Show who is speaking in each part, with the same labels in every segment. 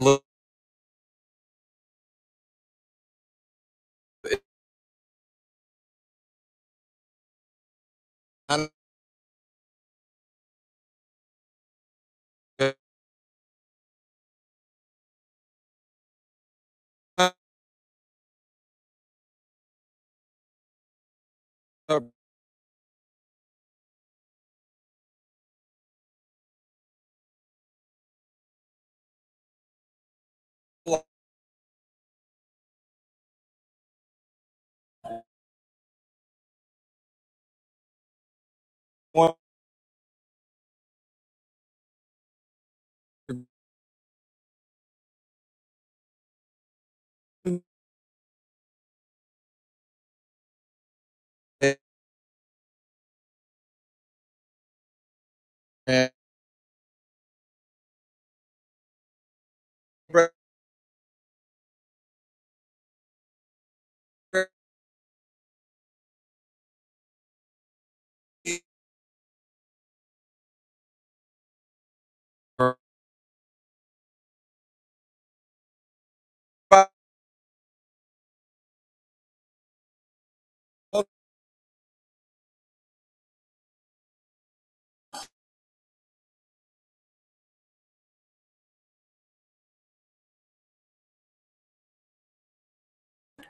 Speaker 1: look it's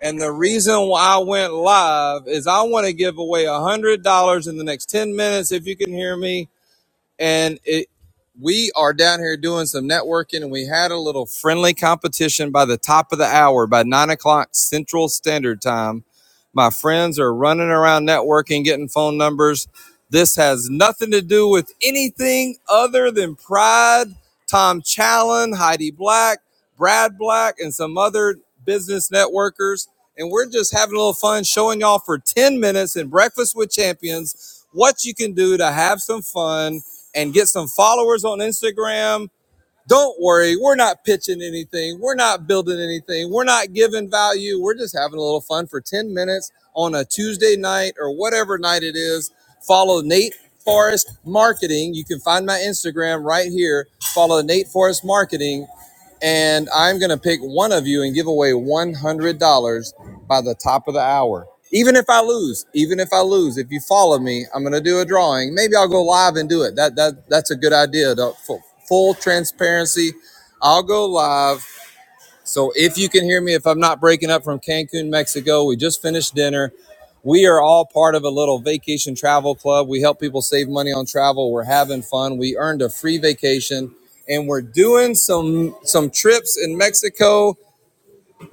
Speaker 1: and the reason why I went live is I want to give away a hundred dollars in the next ten minutes if you can hear me. and it we are down here doing some networking and we had a little friendly competition by the top of the hour by nine o'clock central standard time my friends are running around networking getting phone numbers this has nothing to do with anything other than pride tom challen heidi black brad black and some other business networkers and we're just having a little fun showing y'all for 10 minutes in breakfast with champions what you can do to have some fun and get some followers on Instagram. Don't worry, we're not pitching anything. We're not building anything. We're not giving value. We're just having a little fun for 10 minutes on a Tuesday night or whatever night it is. Follow Nate Forrest Marketing. You can find my Instagram right here. Follow Nate Forrest Marketing and I'm going to pick one of you and give away $100 by the top of the hour. Even if I lose, even if I lose, if you follow me, I'm going to do a drawing. Maybe I'll go live and do it. That that that's a good idea. The full, full transparency. I'll go live. So if you can hear me, if I'm not breaking up from Cancun, Mexico, we just finished dinner. We are all part of a little vacation travel club. We help people save money on travel. We're having fun. We earned a free vacation and we're doing some some trips in Mexico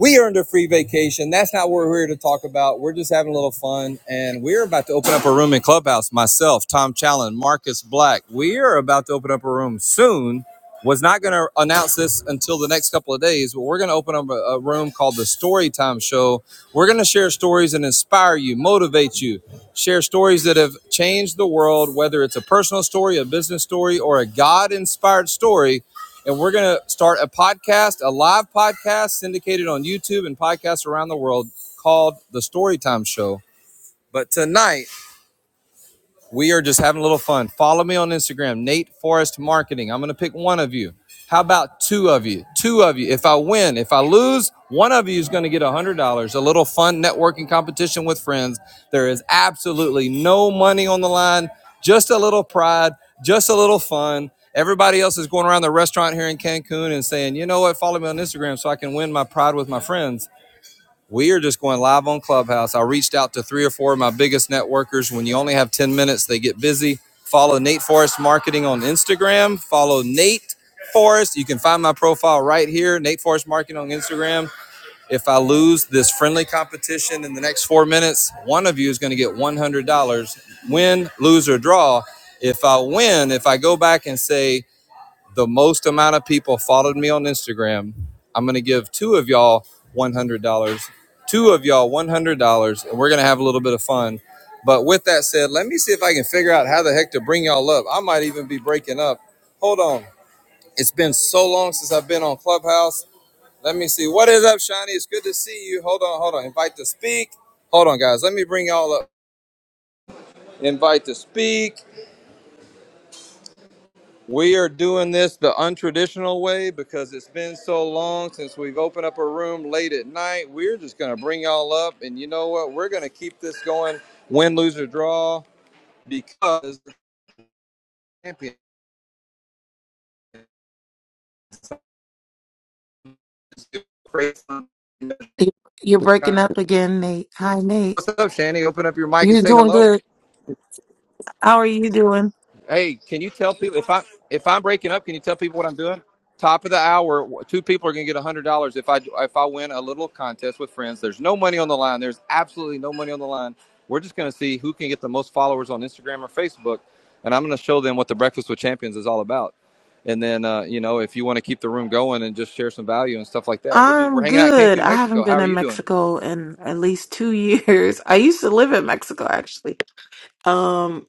Speaker 1: we earned a free vacation. That's not what we're here to talk about. We're just having a little fun. And we're about to open up a room in Clubhouse. Myself, Tom Challen, Marcus Black. We are about to open up a room soon. Was not going to announce this until the next couple of days, but we're going to open up a, a room called the Storytime Show. We're going to share stories and inspire you, motivate you, share stories that have changed the world, whether it's a personal story, a business story, or a God inspired story and we're going to start a podcast, a live podcast syndicated on YouTube and podcasts around the world called The Storytime Show. But tonight, we are just having a little fun. Follow me on Instagram, Nate Forrest Marketing. I'm going to pick one of you. How about two of you? Two of you. If I win, if I lose, one of you is going to get $100. A little fun networking competition with friends. There is absolutely no money on the line, just a little pride, just a little fun. Everybody else is going around the restaurant here in Cancun and saying, you know what, follow me on Instagram so I can win my pride with my friends. We are just going live on Clubhouse. I reached out to three or four of my biggest networkers. When you only have 10 minutes, they get busy. Follow Nate Forrest Marketing on Instagram. Follow Nate Forrest. You can find my profile right here, Nate Forrest Marketing on Instagram. If I lose this friendly competition in the next four minutes, one of you is going to get $100. Win, lose, or draw. If I win, if I go back and say, the most amount of people followed me on Instagram. I'm going to give two of y'all $100. Two of y'all $100, and we're going to have a little bit of fun. But with that said, let me see if I can figure out how the heck to bring y'all up. I might even be breaking up. Hold on. It's been so long since I've been on Clubhouse. Let me see. What is up, Shiny? It's good to see you. Hold on, hold on. Invite to speak. Hold on, guys. Let me bring y'all up. Invite to speak. We are doing this the untraditional way because it's been so long since we've opened up a room late at night. We're just going to bring y'all up. And you know what? We're going to keep this going win, lose, or draw because the champions do great fun.
Speaker 2: You- You're breaking up again, Nate. Hi, Nate.
Speaker 1: What's up, Shanny? Open up your mic and
Speaker 2: You're
Speaker 1: say
Speaker 2: doing
Speaker 1: hello.
Speaker 2: good. How are you doing?
Speaker 1: Hey, can you tell people if I if I'm breaking up? Can you tell people what I'm doing? Top of the hour, two people are going to get a hundred dollars if I if I win a little contest with friends. There's no money on the line. There's absolutely no money on the line. We're just going to see who can get the most followers on Instagram or Facebook, and I'm going to show them what the Breakfast with Champions is all about. And then uh, you know, if you want to keep the room going and just share some value and stuff like that, we're just we're
Speaker 2: I'm
Speaker 1: hanging out in
Speaker 2: good.
Speaker 1: Cancun,
Speaker 2: I
Speaker 1: Mexico.
Speaker 2: haven't
Speaker 1: How
Speaker 2: been
Speaker 1: are
Speaker 2: in
Speaker 1: you doing?
Speaker 2: Mexico in at least two years. I used to live in Mexico, actually. Um,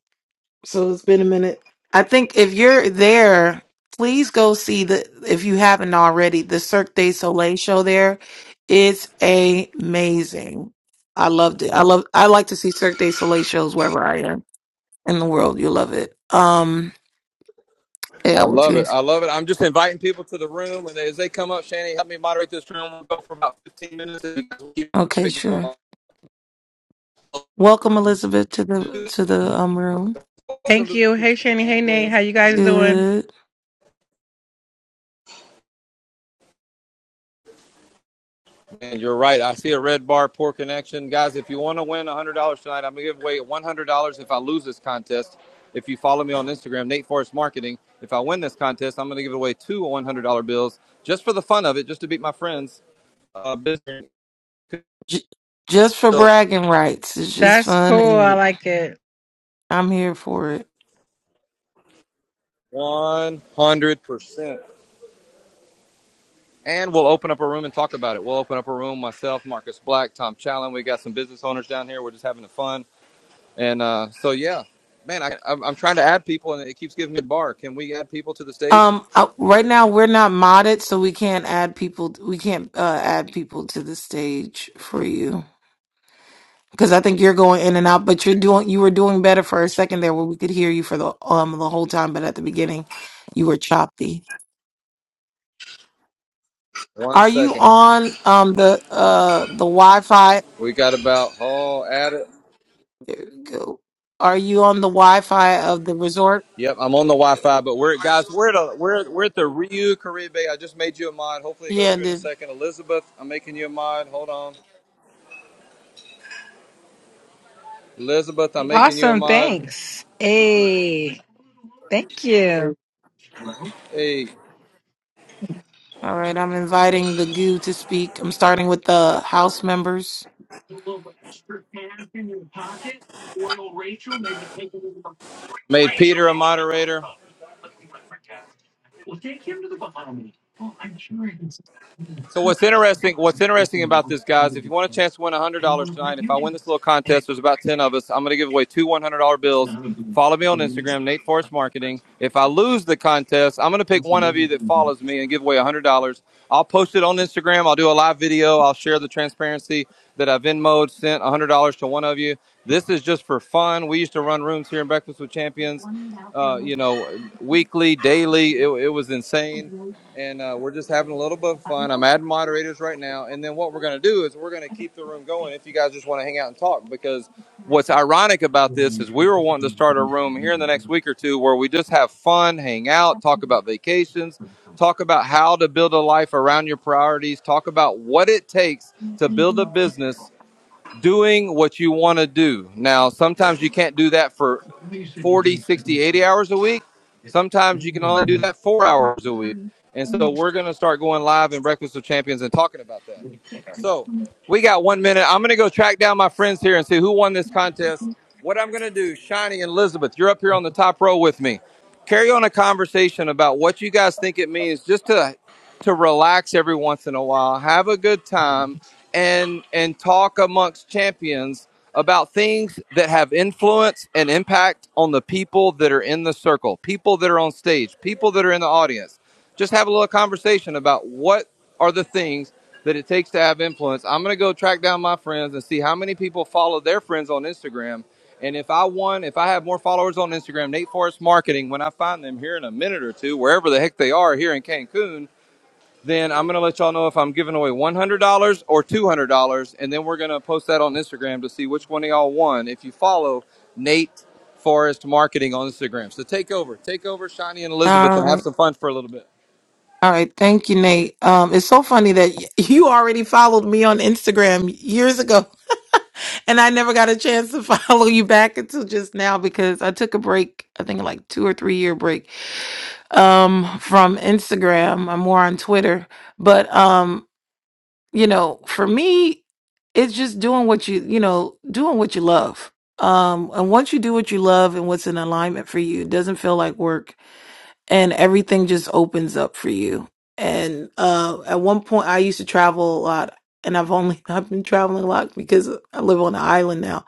Speaker 2: so it's been a minute. I think if you're there, please go see the, if you haven't already, the Cirque du Soleil show there. It's amazing. I loved it. I love, I like to see Cirque du Soleil shows wherever I am in the world. You love it. Um, yeah,
Speaker 1: I
Speaker 2: what
Speaker 1: love
Speaker 2: you
Speaker 1: it. I love it. I'm just inviting people to the room, and as they come up, Shannon, help me moderate this room. We'll go for about 15 minutes, and you will keep
Speaker 2: Okay,
Speaker 1: it
Speaker 2: sure.
Speaker 1: going.
Speaker 2: Welcome, Elizabeth, to the to the um room.
Speaker 1: Welcome
Speaker 3: Thank
Speaker 1: to
Speaker 3: you.
Speaker 1: the
Speaker 3: Hey Shani. Hey Nate. How
Speaker 1: champions.
Speaker 3: you guys doing?
Speaker 2: Good.
Speaker 1: And you're right. I see a red bar, poor connection, guys. If you want to win $100 tonight, I'm gonna give away $100 if I lose this contest. If you follow me on Instagram, Nate Forrest Marketing, if I win this contest, I'm gonna give away two $100 bills just for the fun of it, just to beat my friends. Uh, business.
Speaker 2: J- just for bragging rights. It's just
Speaker 3: That's
Speaker 2: fun,
Speaker 3: cool. I
Speaker 2: and
Speaker 3: like it.
Speaker 2: I'm here for it.
Speaker 1: One hundred percent. And we'll open up a room and talk about it. We'll open up a room, myself, Marcus Black, Tom Challen. We got some business owners down here. We're just having fun. And uh, so, yeah, man, I, I'm, I'm trying to add people and it keeps giving me a bar. Can we add people to the stage?
Speaker 2: Um, uh, right now we're not modded, so we can't add people. We can't uh, add people to the stage for you because I think you're going in and out. But you're doing. You were doing better for a second there, where we could hear you for the um the whole time. But at the beginning, you were choppy.
Speaker 1: One
Speaker 2: Are you
Speaker 1: second.
Speaker 2: on um the uh the Wi-Fi
Speaker 1: We got about, oh, add it.
Speaker 2: Go. Are you on the Wi-Fi of the resort?
Speaker 1: Yep, I'm on the Wi-Fi, but we're guys. We're at a, we're we're at the Ryu Caribe. I just made you a mod. Hopefully, it goes
Speaker 2: Yeah,
Speaker 1: through in a
Speaker 2: the,
Speaker 1: second. Elizabeth, I'm making you a mod. Hold on, Elizabeth, I'm making you a
Speaker 3: Awesome.
Speaker 1: mod.
Speaker 3: Thanks. Hey. Thank you.
Speaker 1: Hey,
Speaker 2: all right. I'm inviting the goo to speak. I'm starting with the house members.
Speaker 1: made Peter a moderator. So what's interesting? What's interesting about this, guys? If you want a chance to win one hundred dollars tonight, if I win this little contest, there's about ten of us. I'm going to give away two one hundred dollar bills. Follow me on Instagram, Nate Forrest Marketing. If I lose the contest, I'm going to pick one of you that follows me and give away one hundred dollars. I'll post it on Instagram. I'll do a live video. I'll share the transparency that I've Venmoed sent one hundred dollars to one of you. This is just for fun. We used to run rooms here in Breakfast with Champions, uh, you know, weekly, daily. It, it was insane and uh, we're just having a little bit of fun. I'm adding moderators right now, and then what we're going to do is we're going to keep the room going if you guys just want to hang out and talk. Because what's ironic about this is we were wanting to start a room here in the next week or two where we just have fun, hang out, talk about vacations, talk about how to build a life around your priorities, talk about what it takes to build a business doing what you want to do. Now, sometimes you can't do that for 40, 60, 80 hours a week. Sometimes you can only do that four hours a week. And so we're going to start going live in Breakfast with Champions and talking about that. So we got one minute. I'm going to go track down my friends here and see who won this contest. What I'm going to do, Shiny and Elizabeth, you're up here on the top row with me. Carry on a conversation about what you guys think it means just to to relax every once in a while, have a good time, and and talk amongst champions about things that have influence and impact on the people that are in the circle, people that are on stage, people that are in the audience. Just have a little conversation about what are the things that it takes to have influence. I'm going to go track down my friends and see how many people follow their friends on Instagram. And if I won, if I have more followers on Instagram, Nate Forrest Marketing, when I find them here in a minute or two, wherever the heck they are here in Cancun, then I'm going to let y'all know if I'm giving away $100 or $200. And then we're going to post that on Instagram to see which one of y'all won if you follow Nate Forest Marketing on Instagram. So take over, take over Shani and Elizabeth
Speaker 2: All
Speaker 1: and have
Speaker 2: right.
Speaker 1: some fun for a little bit.
Speaker 2: All right. Thank you, Nate. Um, it's so funny that y- you already followed me on Instagram years ago, and I never got a chance to follow you back until just now because I took a break. I think like two or three year break um, from Instagram. I'm more on Twitter, but um, you know, for me, it's just doing what you, you know, doing what you love. Um, and once you do what you love and what's in alignment for you, it doesn't feel like work and everything just opens up for you. And uh, at one point, I used to travel a lot and I've only, I've been traveling a lot because I live on an island now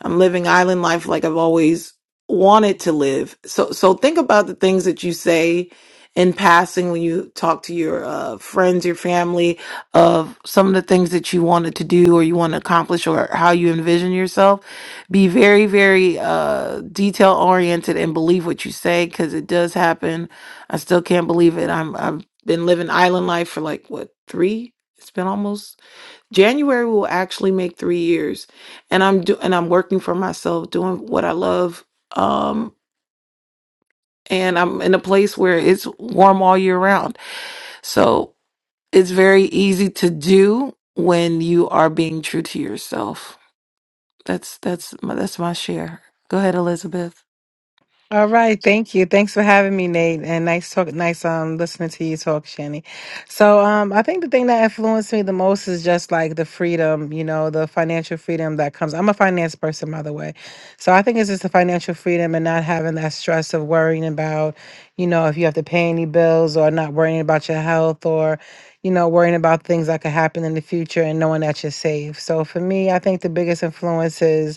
Speaker 2: I'm living island life like I've always wanted to live. So so think about the things that you say in passing when you talk to your uh, friends, your family, of some of the things that you wanted to do or you want to accomplish or how you envision yourself. Be very very uh, detail oriented and believe what you say because it does happen. I still can't believe it. I'm I've been living island life for like what three? It's been almost January will actually make three years, and I'm do and I'm working for myself, doing what I love. Um, and I'm in a place where it's warm all year round, so it's very easy to do when you are being true to yourself. That's that's my, that's my share. Go ahead, Elizabeth.
Speaker 3: All right, thank you. Thanks for having me, Nate. And nice talk, nice um listening to you talk, Shani. So um I think the thing that influenced me the most is just like the freedom, you know, the financial freedom that comes. I'm a finance person, by the way. So I think it's just the financial freedom and not having that stress of worrying about, you know, if you have to pay any bills or not worrying about your health or, you know, worrying about things that could happen in the future and knowing that you're safe. So for me, I think the biggest influence is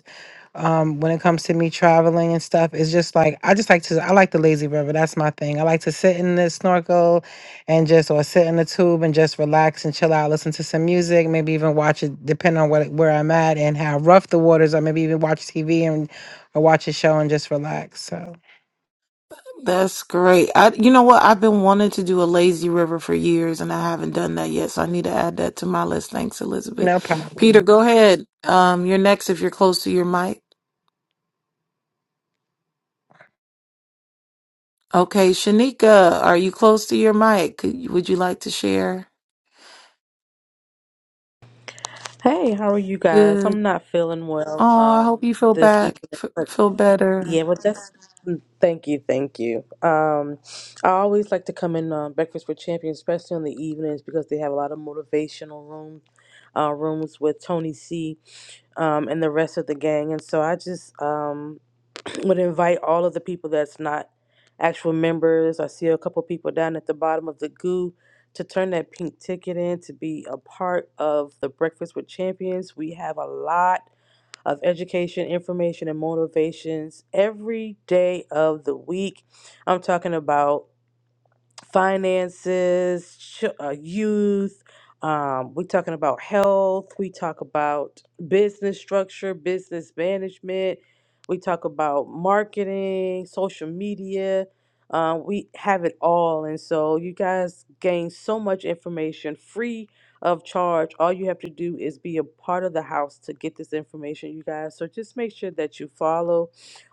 Speaker 3: um when it comes to me traveling and stuff it's just like i just like to i like the lazy river that's my thing i like to sit in the snorkel and just or sit in the tube and just relax and chill out listen to some music maybe even watch it depending on what, where i'm at and how rough the waters are maybe even watch tv and or watch a show and just relax so
Speaker 2: That's great. I, you know what? I've been wanting to do a lazy river for years, and I haven't done that yet. So I need to add that to my list. Thanks, Elizabeth.
Speaker 3: no
Speaker 2: Peter,
Speaker 3: problem
Speaker 2: go ahead. Um, you're next if you're close to your mic. Okay, Shanika, are you close to your mic? Could, would you like to share?
Speaker 4: Hey, how are you guys?
Speaker 2: Good.
Speaker 4: I'm not feeling well
Speaker 2: Oh, I hope
Speaker 4: um
Speaker 2: you feel
Speaker 4: this
Speaker 2: back,
Speaker 4: evening,
Speaker 2: f
Speaker 4: but
Speaker 2: feel better.
Speaker 4: yeah, but that's thank you, thank you. Um I always like to come in on Breakfast with Champions, especially on the evenings because they have a lot of motivational room uh rooms with Tony C um and the rest of the gang. And so I just um would invite all of the people that's not actual members. I see a couple people down at the bottom of the goo to turn that pink ticket in to be a part of the Breakfast with Champions. We have a lot of education, information, and motivations every day of the week. I'm talking about finances, ch- uh, youth. Um, we're talking about health. We talk about business structure, business management. We talk about marketing, social media. Uh, we have it all. And so you guys gain so much information free of charge. All you have to do is be a part of the house to get this information, you guys. So just make sure that you follow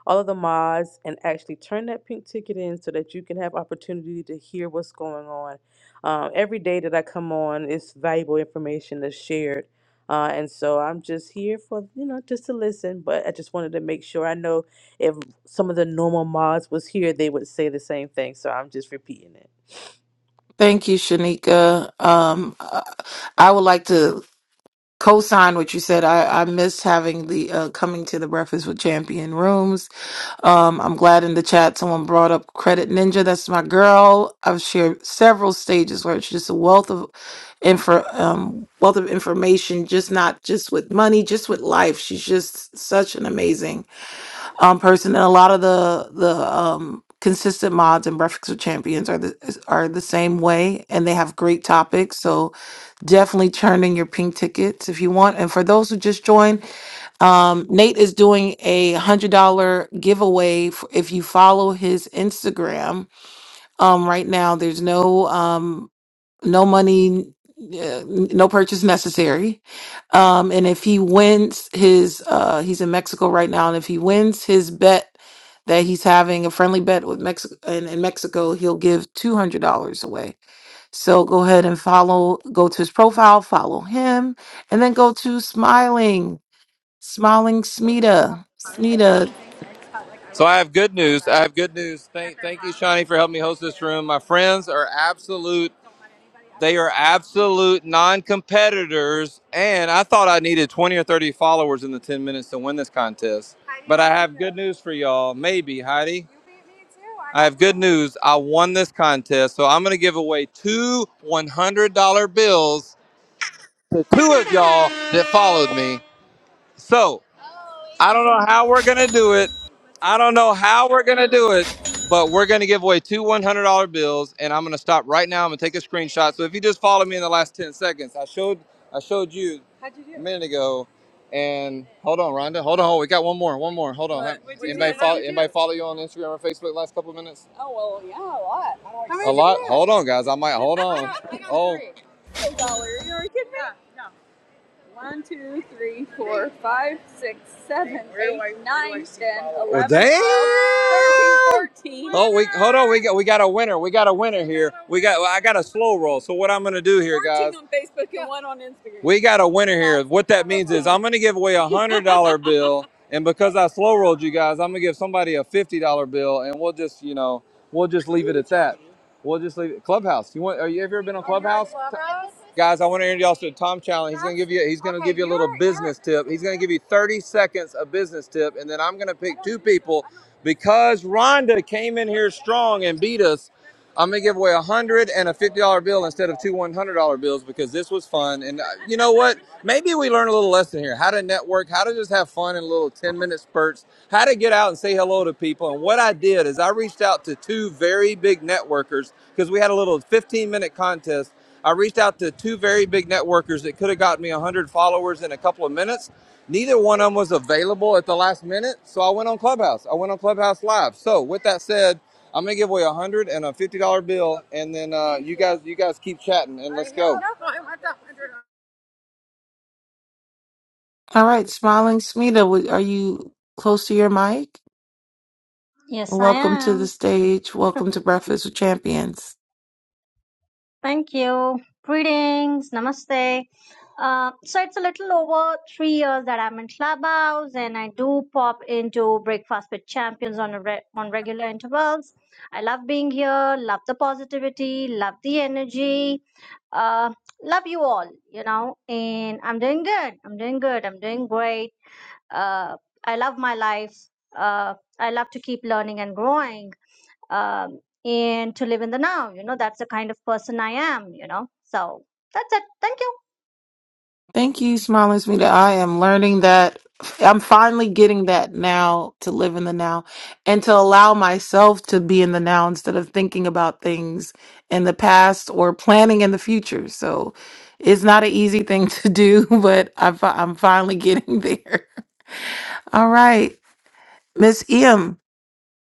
Speaker 4: all of the mods and actually turn that pink ticket in so that you can have opportunity to hear what's going on. Um, every day that I come on, it's valuable information that's shared. Uh, and so I'm just here for, you know, just to listen. But I just wanted to make sure I know if some of the normal mods was here, they would say the same thing. So I'm just repeating it.
Speaker 2: Thank you, Shanika. Um, I I would like to co-sign what you said. I, I missed having the uh, coming to the Breakfast with Champion rooms. Um, I'm glad in the chat someone brought up Credit Ninja. That's my girl. I've shared several stages where it's just a wealth of info, um, wealth of information. Just not just with money, just with life. She's just such an amazing um, person, and a lot of the the um, consistent mods and breakfast with champions are the are the same way, and they have great topics. So definitely turn in your pink tickets if you want. And for those who just joined. Um, Nate is doing a hundred dollar giveaway. f- If you follow his Instagram, um, right now there's no um, no money, uh, no purchase necessary. Um, and if he wins his, uh, he's in Mexico right now, and if he wins his bet that he's having a friendly bet with Mexico in, in Mexico, he'll give two hundred dollars away. So go ahead and follow, go to his profile, follow him, and then go to smiling. Smiling Smita. Smita.
Speaker 1: So I have good news. I have good news. Thank, thank you, Shani, for helping me host this room. My friends are absolute They are absolute non competitors. And I thought I needed 20 or 30 followers in the 10 minutes to win this contest. But I have good news for y'all. Maybe, Heidi. You beat me too. I have good news. I won this contest. So I'm going to give away two $100 bills to two of y'all that followed me. So I don't know how we're gonna do it. I don't know how we're gonna do it, but we're gonna give away two one hundred dollar bills, and I'm gonna stop right now. I'm gonna take a screenshot. So if you just follow me in the last ten seconds, I showed I showed you How'd you do? a minute ago, and hold on, Rhonda, hold on, hold. We got one more, one more. Hold on. What? What'd you anybody do? follow How'd you do? anybody follow you on Instagram or Facebook the last couple of minutes? Oh well, yeah, A lot. I don't How many? A did you lot. get? Hold on, guys. I might hold on. I got Oh, three. Oh, dollar. You're kidding me. Yeah. One, two, three, four, five, six, seven, nine. Washington. Oh, damn! 12, Oh, we hold on. We got we got a winner. We got a winner here. We got I got a slow roll. So what I'm gonna do here, 14 guys? fourteen on Facebook and one on Instagram. We got a winner here. What that means is I'm gonna give away a hundred dollar bill, and because I slow rolled you guys, I'm gonna give somebody a fifty dollar bill, and we'll just you know we'll just leave it at that. We'll just leave it. Clubhouse. You want? Are you have you ever been on Clubhouse? Clubhouse. Guys, I want to introduce y'all to Tom Challenge. He's gonna give you. He's gonna okay, give you a little you're, business you're, tip. He's gonna give you 30 seconds of business tip, and then I'm gonna pick two people because Rhonda came in here strong and beat us. I'm gonna give away a hundred and a fifty dollar bill instead of two one hundred dollar bills because this was fun. And uh, you know what? Maybe we learn a little lesson here: how to network, how to just have fun in little ten minute spurts, how to get out and say hello to people. And what I did is I reached out to two very big networkers because we had a little fifteen minute contest I reached out to two very big networkers that could have gotten me 100 followers in a couple of minutes. Neither one of them was available at the last minute, so I went on Clubhouse. I went on Clubhouse Live. So with that said, I'm gonna give away a hundred and a fifty dollar bill, and then uh, you guys you guys keep chatting and let's go.
Speaker 2: All right, Smiling Smita, w- are you close to your mic?
Speaker 5: Yes, I
Speaker 2: Welcome to the
Speaker 5: am.
Speaker 2: stage. Welcome to Breakfast with Champions.
Speaker 5: Thank you. Greetings. Namaste. Uh, so it's a little over three years that I'm in Clubhouse, and I do pop into Breakfast with Champions on a re- on regular intervals. I love being here. Love the positivity. Love the energy. Uh, love you all. You know, and I'm doing good. I'm doing good. I'm doing great. Uh, I love my life. Uh, I love to keep learning and growing um, and to live in the now. You know, that's the kind of person I am, you know. So that's it. Thank you.
Speaker 2: Thank you, Smiling Smita. I am learning that. I'm finally getting that now to live in the now and to allow myself to be in the now instead of thinking about things in the past or planning in the future. So it's not an easy thing to do, but I fi- I'm finally getting there. All right, Miss Em.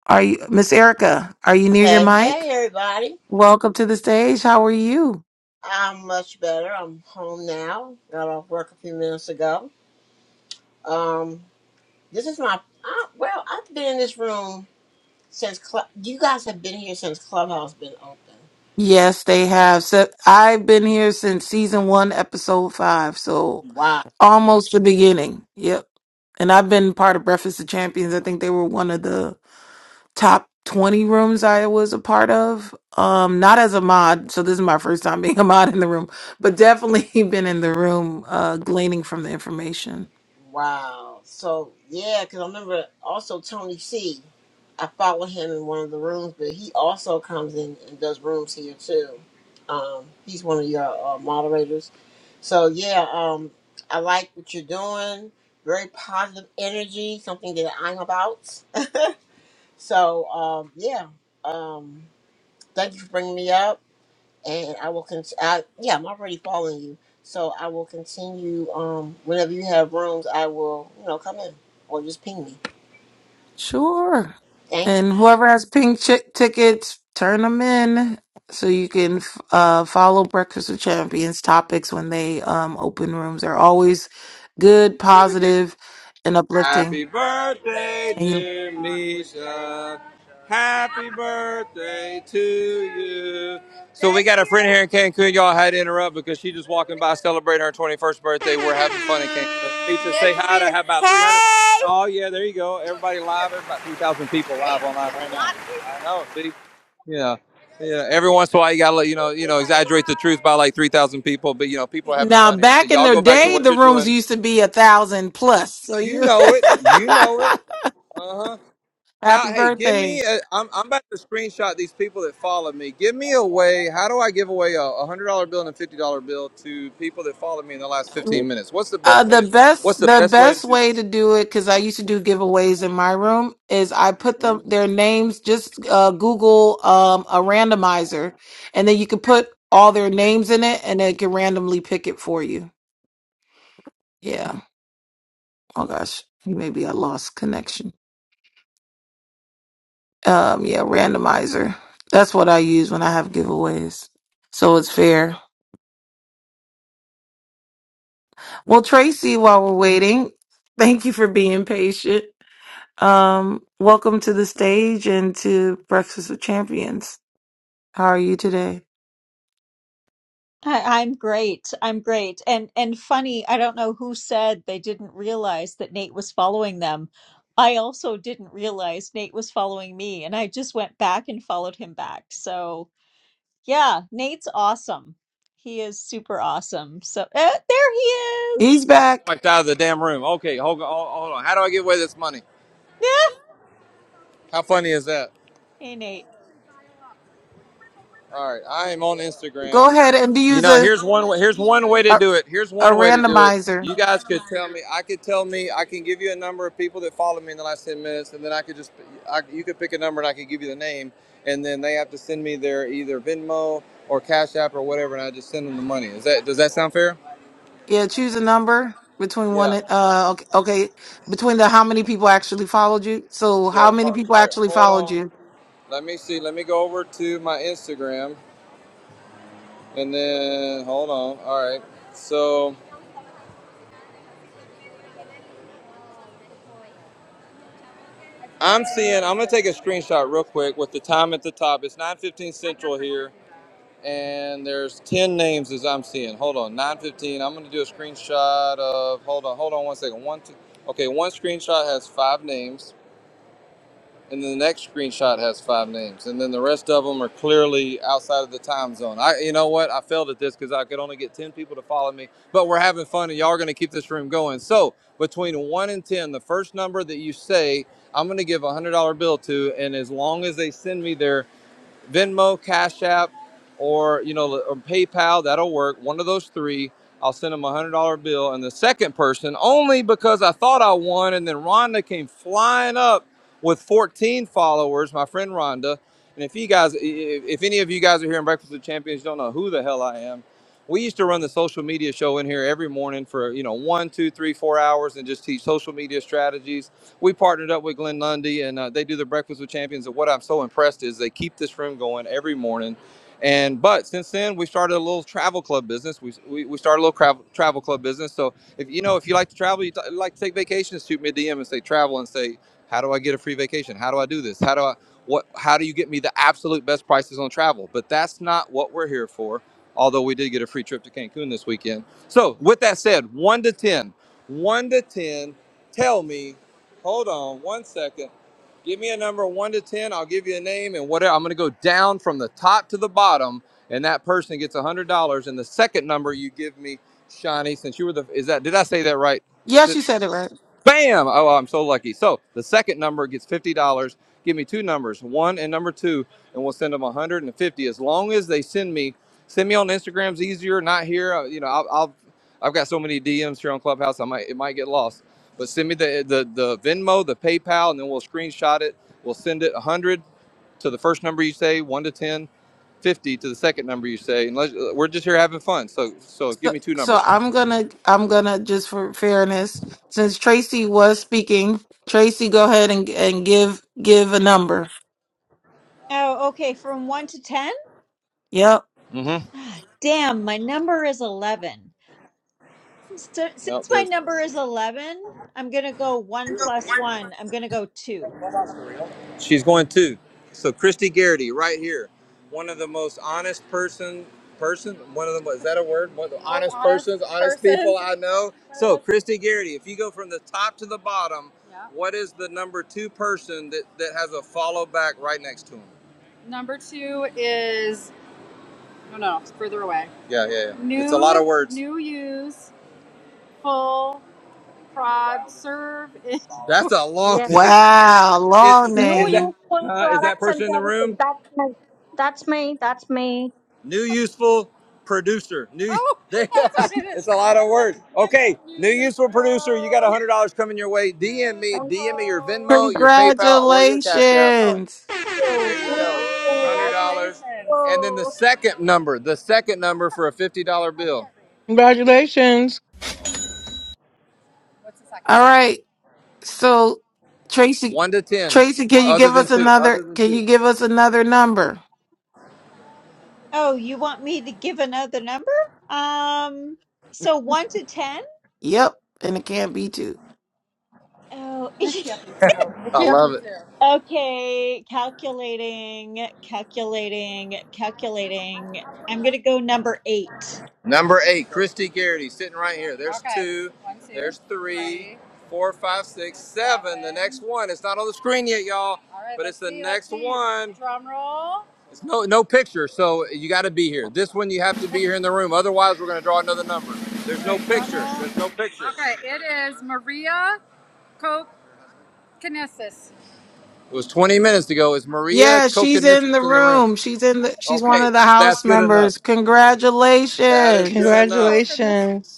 Speaker 2: Are you Miss Erica? Are you near your
Speaker 6: Hey,
Speaker 2: mic?
Speaker 6: hey, everybody.
Speaker 2: Welcome to the stage. How are you?
Speaker 6: I'm much better. I'm home now. Got off work a few minutes ago. Um, this is my, I, well, I've been in this room since, Cl- you guys have been here since Clubhouse been open.
Speaker 2: Yes, they have. So I've been here since season one, episode five, so
Speaker 6: Wow.
Speaker 2: almost the beginning. Yep. And I've been part of Breakfast of Champions. I think they were one of the top twenty rooms I was a part of. Um, not as a mod, so this is my first time being a mod in the room, but definitely been in the room, uh, gleaning from the information.
Speaker 6: Wow. So yeah, because I remember also Tony C. I follow him in one of the rooms, but he also comes in and does rooms here too. Um, he's one of your uh, moderators. So yeah, um, I like what you're doing. Very positive energy, something that I'm about. So um, yeah, um, thank you for bringing me up and I will con- I, yeah, I'm already following you. So I will continue um whenever you have rooms, I will, you know, come in or just ping me.
Speaker 2: Sure.
Speaker 6: Thank you.
Speaker 2: And whoever has pink chick tickets, turn them in so you can f- uh, follow Breakfast with Champions topics when they um, open rooms. They're always good, positive, and uplifting.
Speaker 1: Happy birthday,
Speaker 2: And you-
Speaker 1: dear Misha. Happy birthday to you. So we got a friend here in Cancun. Y'all had to interrupt because she just walking by celebrating her 21st birthday. We're having fun in Cancun. Misha, say hi to have about 300. Hey! Oh, yeah, there you go. Everybody live. There's about 3,000 people live online right now. I know, see? Yeah. Yeah, every once in a while you gotta let- you know you know exaggerate the truth by like three thousand people, but you know people are having
Speaker 2: now,
Speaker 1: fun here. So
Speaker 2: back in
Speaker 1: y'all
Speaker 2: the
Speaker 1: go back to
Speaker 2: day,
Speaker 1: what
Speaker 2: the
Speaker 1: you're
Speaker 2: rooms
Speaker 1: doing.
Speaker 2: used to be a thousand plus. So
Speaker 1: You
Speaker 2: you,
Speaker 1: know it. You know it. Uh huh. How?
Speaker 2: happy
Speaker 1: Hey, give me.
Speaker 2: birthday.
Speaker 1: A, I'm I'm about to screenshot these people that follow me. Give me a way. How do I give away a a hundred dollar bill and a fifty dollar bill to people that follow me in the last fifteen minutes? What's the
Speaker 2: Uh,
Speaker 1: best
Speaker 2: the
Speaker 1: way to? What's
Speaker 2: best
Speaker 1: the
Speaker 2: the
Speaker 1: best way to
Speaker 2: best
Speaker 1: do
Speaker 2: way
Speaker 1: this?
Speaker 2: to do it because I used to do giveaways in my room is I put them their names just uh, Google um, a randomizer and then you can put all their names in it and it can randomly pick it for you. Yeah. Oh gosh, maybe I lost connection. Um, yeah, randomizer. That's what I use when I have giveaways, so it's fair. Well, Tracy, while we're waiting, thank you for being patient. Um, welcome to the stage and to Breakfast with Champions. How are you today?
Speaker 7: I, I'm great. I'm great. And and funny, I don't know who said they didn't realize that Nate was following them. I also didn't realize Nate was following me, and I just went back and followed him back. So yeah, Nate's awesome. He is super awesome. So uh, there he is.
Speaker 2: He's back.
Speaker 1: Wiped out of the damn room. Okay, hold on. Hold hold on. How do I give away this money?
Speaker 7: Yeah.
Speaker 1: How funny is that?
Speaker 7: Hey Nate.
Speaker 1: All right, I am on
Speaker 2: Go
Speaker 1: Instagram.
Speaker 2: ahead and
Speaker 1: You
Speaker 2: use
Speaker 1: know,
Speaker 2: a,
Speaker 1: here's one Here's one way to
Speaker 2: a
Speaker 1: do it. Here's
Speaker 2: a
Speaker 1: one way to do it.
Speaker 2: randomizer.
Speaker 1: You guys could tell me. I could tell me. I can give you a number of people that followed me in the last ten minutes, and then I could just. I, you could pick a number, and I could give you the name, and then they have to send me their either Venmo or Cash App or whatever, and I just send them the money. Is that? Does that sound fair?
Speaker 2: Yeah, choose a number between one
Speaker 1: Yeah.
Speaker 2: and uh okay, okay between the how many people actually followed you. So how
Speaker 1: Yeah.
Speaker 2: many
Speaker 1: All
Speaker 2: people
Speaker 1: right.
Speaker 2: actually
Speaker 1: Hold
Speaker 2: followed
Speaker 1: on.
Speaker 2: you?
Speaker 1: Let me see. Let me go over to my Instagram, and then hold on. All right. So. I'm seeing. I'm gonna take a screenshot real quick with the time at the top. It's 9:15 Central here, and there's 10 names as I'm seeing. Hold on, 9:15. I'm gonna do a screenshot of. Hold on, hold on one second. One, two. Okay, one screenshot has five names and then the next screenshot has five names, and then the rest of them are clearly outside of the time zone. I, you know what? I failed at this because I could only get ten people to follow me, but we're having fun, and y'all are going to keep this room going. So between one and ten, the first number that you say, I'm going to give a one hundred dollar bill to, and as long as they send me their. Venmo, Cash App, or you know, or PayPal. That'll work. One of those three. I'll send them a one hundred dollar bill, and the second person only because I thought I won, and then Rhonda came flying up with 14 followers. My friend Rhonda, and if you guys, if any of you guys are here in Breakfast with Champions, you don't know who the hell I am. We used to run the social media show in here every morning for you know one, two, three, four hours, and just teach social media strategies we partnered up with Glenn Lundy, and uh, they do the Breakfast with Champions. And what I'm so impressed is they keep this room going every morning. And but since then, we started a little travel club business. We we, we started a little travel travel club business. So if you know if you like to travel, you t- like to take vacations, shoot me a D M and say travel and say how do I get a free vacation? How do I do this? How do I what? How do you get me the absolute best prices on travel? But that's not what we're here for. Although we did get a free trip to Cancun this weekend. So with that said, one to ten, one to ten, tell me Hold on one second. Give me a number one to 10. I'll give you a name and whatever. I'm going to go down from the top to the bottom, and that person gets $100. And the second number you give me, Shawnee, since you were the, is that, did I say that right?
Speaker 2: Yes,
Speaker 1: Did,
Speaker 2: you said it right.
Speaker 1: Bam! Oh, I'm so lucky. So the second number gets fifty dollars. Give me two numbers, one and number two, and we'll send them 150. As long as they send me, send me on Instagram's easier. Not here, Uh, you know. I'll, I'll I've got so many DMs here on Clubhouse. I might it might get lost. But send me the the the Venmo, the PayPal, and then we'll screenshot it. We'll send it 100 to the first number you say, one to 10, 50 to the second number you say. And let's, we're just here having fun. So so give
Speaker 2: So,
Speaker 1: me two
Speaker 2: so
Speaker 1: numbers.
Speaker 2: I'm gonna I'm gonna just for fairness, since Tracy was speaking, Tracy, go ahead and and give give a number.
Speaker 7: Oh, okay. From one to ten.
Speaker 2: Yep.
Speaker 1: Mm-hmm.
Speaker 7: Ah, Damn, my number is eleven. So since
Speaker 1: No,
Speaker 7: my
Speaker 1: there's.
Speaker 7: number is eleven, I'm gonna go one plus one. I'm gonna go two.
Speaker 1: She's going to. So Christy Garrity, right here, one of the most honest person, person, one of the is that a word? One of the honest, honest persons, honest person. people I know. So Christy Garrity, if you go from the top to the bottom, Yeah. what is the number two person that that has a follow back right next to him? Number two is oh no, it's further away. Yeah, yeah, yeah. New, it's a lot of words. New use full prod serve. That's a long.
Speaker 5: Yes.
Speaker 2: Wow,
Speaker 1: Is, is
Speaker 2: long
Speaker 1: that
Speaker 5: New
Speaker 1: is that,
Speaker 2: name.
Speaker 5: useful
Speaker 1: uh, is that
Speaker 5: products and
Speaker 1: person in the room?
Speaker 5: services. That's my That's me. That's me.
Speaker 1: New useful producer. New. Oh, They, that's what it is. it's a lot of words. Okay, New useful producer. You got a hundred dollars coming your way. DM me.
Speaker 5: thank
Speaker 1: DM me
Speaker 5: you.
Speaker 1: your Oh, Venmo, your PayPal, or your Cash App.
Speaker 2: Congratulations.
Speaker 5: So,
Speaker 1: There you
Speaker 5: two,
Speaker 1: go. Hundred
Speaker 5: two,
Speaker 1: dollars. And then
Speaker 5: two.
Speaker 1: the second number. The second number for a fifty dollar bill.
Speaker 3: congratulations
Speaker 1: What's the second
Speaker 2: All
Speaker 1: one?
Speaker 2: right. So Tracy
Speaker 1: One to ten.
Speaker 2: Tracy,
Speaker 1: Oh,
Speaker 2: can you give
Speaker 1: Other
Speaker 2: us
Speaker 1: than two. Other
Speaker 2: another
Speaker 1: than
Speaker 2: can
Speaker 1: two.
Speaker 2: you give us another number?
Speaker 7: Oh, you want me to give another number? Um, so one to ten?
Speaker 2: Yep. And it can't be two.
Speaker 7: Oh,
Speaker 1: I love it.
Speaker 7: okay. Calculating, calculating, calculating. I'm gonna go number eight.
Speaker 1: Number eight, Christy Garrity, sitting right here. There's Okay. two, One, two, there's three, three, four, five, six, seven. The next one. It's not on the screen yet, y'all, All right, but it's let's the see, let's next let's see. one. Drum roll. It's no no picture, so you got to be here. This one you have to be here in the room, otherwise we're gonna draw another number. There's no All right, drum picture. roll. There's no picture. Okay, it is Maria Kokinesis. It was 20 minutes ago. Is Maria
Speaker 2: Yeah, she's in the
Speaker 1: Kokonissis in the room?
Speaker 2: room. She's in the she's one
Speaker 1: Okay,
Speaker 2: of the
Speaker 1: that's
Speaker 2: house
Speaker 1: good enough.
Speaker 2: members.
Speaker 1: That is good
Speaker 2: Congratulations.
Speaker 1: enough. Kokinesis.
Speaker 3: congratulations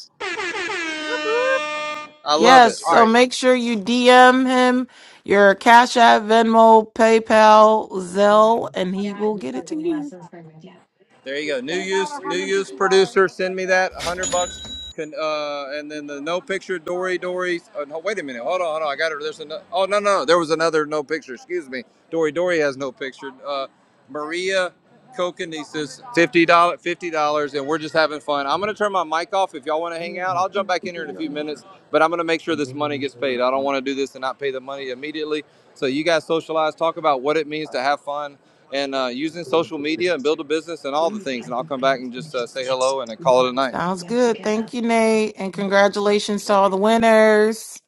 Speaker 1: I love
Speaker 2: Yes,
Speaker 1: it. All
Speaker 2: so
Speaker 1: right.
Speaker 2: make sure you DM him your Cash App, Venmo, PayPal, Zelle, and he will get it to you.
Speaker 1: There you go. New use, new use producer. Send me that. A hundred bucks. Can uh, and then the no picture Dory Dory. Oh, no, wait a minute. Hold on, hold on. I got her. There's another. Oh no, no, no. There was another no picture. Excuse me. Dory Dory has no picture. Uh, Maria Kokonesis, fifty dollar, fifty dollars, and we're just having fun. I'm gonna turn my mic off. If y'all want to hang out, I'll jump back in here in a few minutes. But I'm gonna make sure this money gets paid. I don't want to do this and not pay the money immediately. So you guys socialize, talk about what it means to have fun and uh, using social media and build a business and all the things. And I'll come back and just uh, say hello and then call it a night.
Speaker 2: Sounds good. Thank you, Nate. And congratulations to
Speaker 1: Yeah.
Speaker 2: all the winners.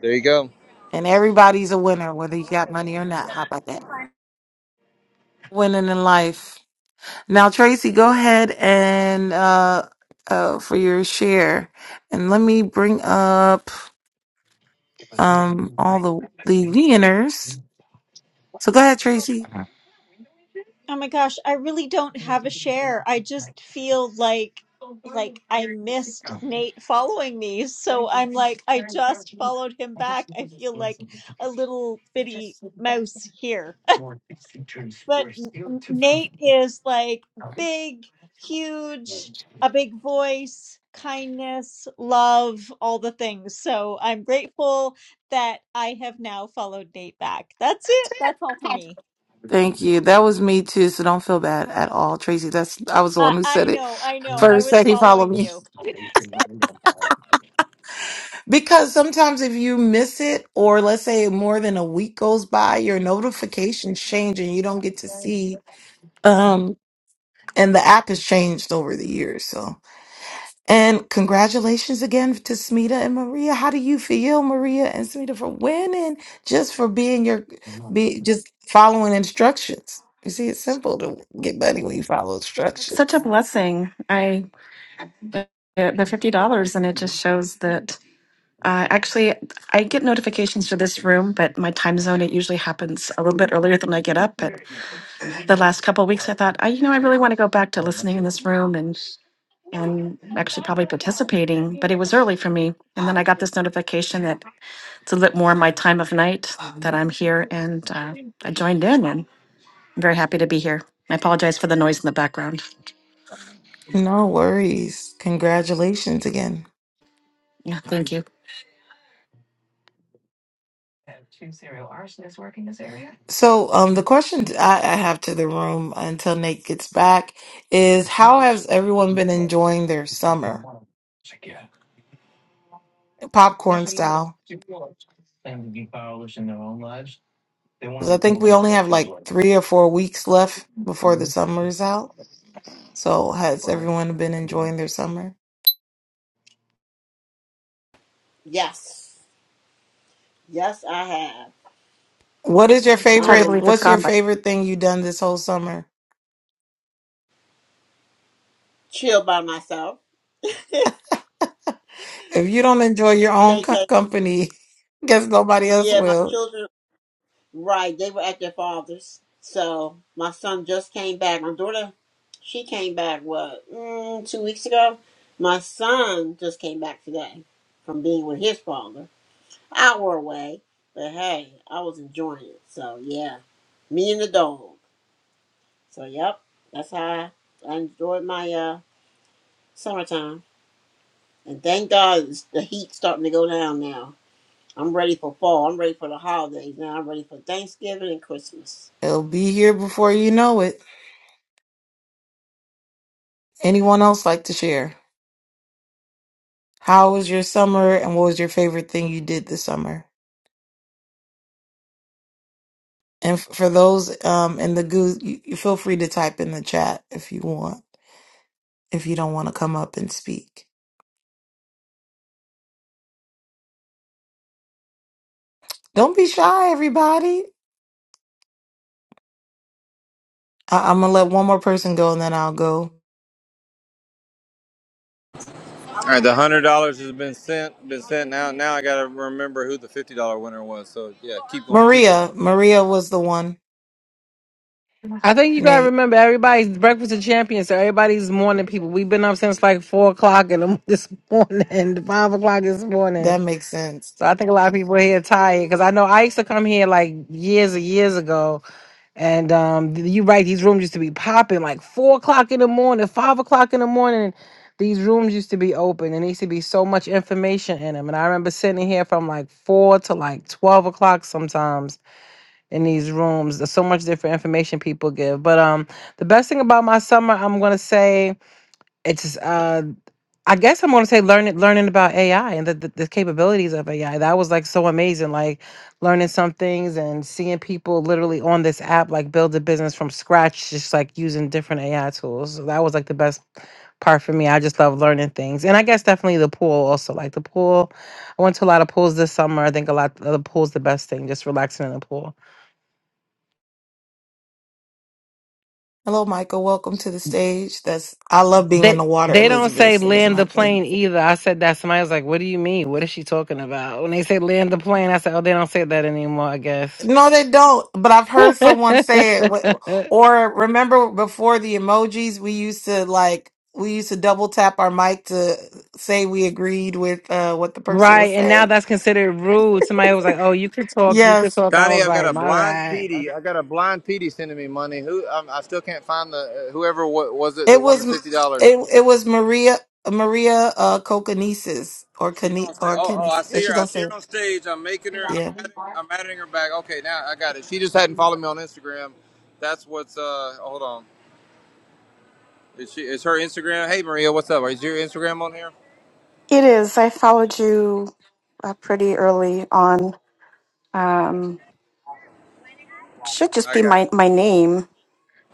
Speaker 1: There you go.
Speaker 2: And everybody's a winner, whether you got money or not. How about that? Winning in life. Now, Tracy, go ahead and uh, uh, for your share. And let me bring up um, all the, the winners. So go ahead, Tracy.
Speaker 7: Oh my gosh, I really don't have a share. I just feel like like I missed Nate following me, so I'm like I just followed him back. I feel like a little bitty mouse here. but N- Nate is like big, huge, a big voice, kindness, love, all the things. So I'm grateful that I have now followed Nate back. That's it. That's all for me.
Speaker 2: Thank you. That was me too, so don't feel bad at all, Tracy. That's I was the
Speaker 7: Uh,
Speaker 2: one who
Speaker 7: I
Speaker 2: said it
Speaker 7: know. I know. I
Speaker 2: first
Speaker 7: was
Speaker 2: that he followed
Speaker 7: following
Speaker 2: me.
Speaker 7: you.
Speaker 2: Because sometimes if you miss it, or let's say more than a week goes by, your notifications change and you don't get to see. Um, and the app has changed over the years. So, and congratulations again to Smita and Maria. How do you feel, Maria and Smita, for winning just for being your, be just following instructions? You see, it's simple to get money when you follow
Speaker 8: It's such a
Speaker 2: instructions.
Speaker 8: blessing. I the the fifty dollars, and it just shows that. Uh, actually, I get notifications for this room, but my time zone it usually happens a little bit earlier than I get up. But the last couple of weeks, I thought, I you know, I really want to go back to listening in this room and and actually probably participating. But it was early for me, and then I got this notification that it's a little bit more my time of night that I'm here, and uh, I joined in, and I'm very happy to be here. I apologize for the noise in the background.
Speaker 2: No worries. Congratulations again.
Speaker 8: Yeah, thank you.
Speaker 2: So, um, the question t- I, I have to the room until Nate gets back is how has everyone been enjoying their summer, popcorn style? Because I think we only have like three or four weeks left before the summer is out. So, has everyone been enjoying their summer?
Speaker 6: Yes. Yes, I have.
Speaker 2: What is your
Speaker 8: It's hard to
Speaker 2: favorite?
Speaker 6: Um
Speaker 8: believe it's
Speaker 2: What's your
Speaker 8: gone, but.
Speaker 2: favorite thing you done this whole summer?
Speaker 6: chill by myself.
Speaker 2: If you don't enjoy your own co-
Speaker 6: Staycation.
Speaker 2: company, guess nobody else
Speaker 6: Yeah, my
Speaker 2: will.
Speaker 6: children right, they were at their father's. So my son just came back. My daughter she came back what mm, two weeks ago. My son just came back today from being with his father. hour away. But hey, I was enjoying it. So yeah, me and the dog. So yep, that's how I, I enjoyed my uh summertime. And thank God it's, the heat's starting to go down now. I'm ready for fall. I'm ready for the holidays now. I'm ready for Thanksgiving and Christmas.
Speaker 2: It'll be here before you know it. Anyone else like to share? How was your summer and what was your favorite thing you did this summer? And f- for those um, in the goo, you, you feel free to type in the chat if you want, if you don't want to come up and speak. Don't be shy, everybody. I- I'm going to let one more person go and then I'll go.
Speaker 1: All right, the hundred dollars has been sent. Been sent now. Now I gotta remember who the fifty dollar winner was. So yeah, keep going. Keep going.
Speaker 2: Maria. Maria was the one.
Speaker 3: I think you gotta
Speaker 2: Nate,
Speaker 3: remember everybody's breakfast of champions, so everybody's morning people. We've been up since like four o'clock in the, this morning, five o'clock this morning.
Speaker 2: that makes sense.
Speaker 3: So I think a lot of people here tired because I know I used to come here like years and years ago, and um, you right, these rooms used to be popping like four o'clock in the morning, five o'clock in the morning. These rooms used to be open, and there used to be so much information in them. And I remember sitting here from like four to like twelve o'clock sometimes in these rooms. There's so much different information people give. But um the best thing about my summer, I'm gonna say it's uh I guess I'm gonna say learning learning about AI and the, the, the capabilities of AI. That was like so amazing, like learning some things and seeing people literally on this app like build a business from scratch, just like using different AI tools. So that was like the best part for me. I just love learning things. And I guess definitely the pool also. Like the pool I went to a lot of pools this summer. I think a lot of the pool's the best thing, just relaxing in the pool.
Speaker 2: Hello, Michael. Welcome to the stage. That's I love being in the
Speaker 3: They
Speaker 2: water,
Speaker 3: they don't
Speaker 2: Elizabeth.
Speaker 3: say
Speaker 2: So that's
Speaker 3: land
Speaker 2: my
Speaker 3: the
Speaker 2: thing.
Speaker 3: plane either. I said that. Somebody was like, "What do you mean? What is she talking about?" When they say land the plane, I said, "Oh, they don't say that anymore." I guess.
Speaker 2: No, they don't. But I've heard someone say it. Wh- Or remember before the emojis, we used to like we used to double tap our mic to say we agreed with uh, what the person was
Speaker 3: Right, and now
Speaker 2: saying.
Speaker 3: that's considered rude. Somebody was like, "Oh, you could talk, you could
Speaker 2: Yes,
Speaker 3: talk." I
Speaker 1: Connie,
Speaker 3: was
Speaker 1: I've got
Speaker 3: like,
Speaker 1: a
Speaker 3: "My
Speaker 1: blind
Speaker 3: bad."
Speaker 1: PD. I got a blind PD sending me money. Who um, I still can't find the uh, whoever wa- was it that
Speaker 2: it
Speaker 1: won
Speaker 2: was
Speaker 1: the
Speaker 2: it
Speaker 1: fifty dollars.
Speaker 2: it was Maria Maria uh, Kokonesis or
Speaker 1: She's
Speaker 2: Kane
Speaker 1: on stage.
Speaker 2: or
Speaker 1: Oh, oh, I
Speaker 2: Kenneth.
Speaker 1: see
Speaker 2: She
Speaker 1: her. I
Speaker 2: don't
Speaker 1: see
Speaker 2: say it.
Speaker 1: her on stage. I'm making her. I'm
Speaker 2: Yeah.
Speaker 1: adding. I'm adding her back. Okay, now I got it. She just hadn't followed me on Instagram. That's what's. uh Hold on. Is she? Is her Instagram? Hey Maria, what's up? Is your Instagram on here?
Speaker 8: It is. I followed you uh, pretty early on. Um, it should just
Speaker 1: I
Speaker 8: be
Speaker 1: got
Speaker 8: my,
Speaker 1: you.
Speaker 8: my name.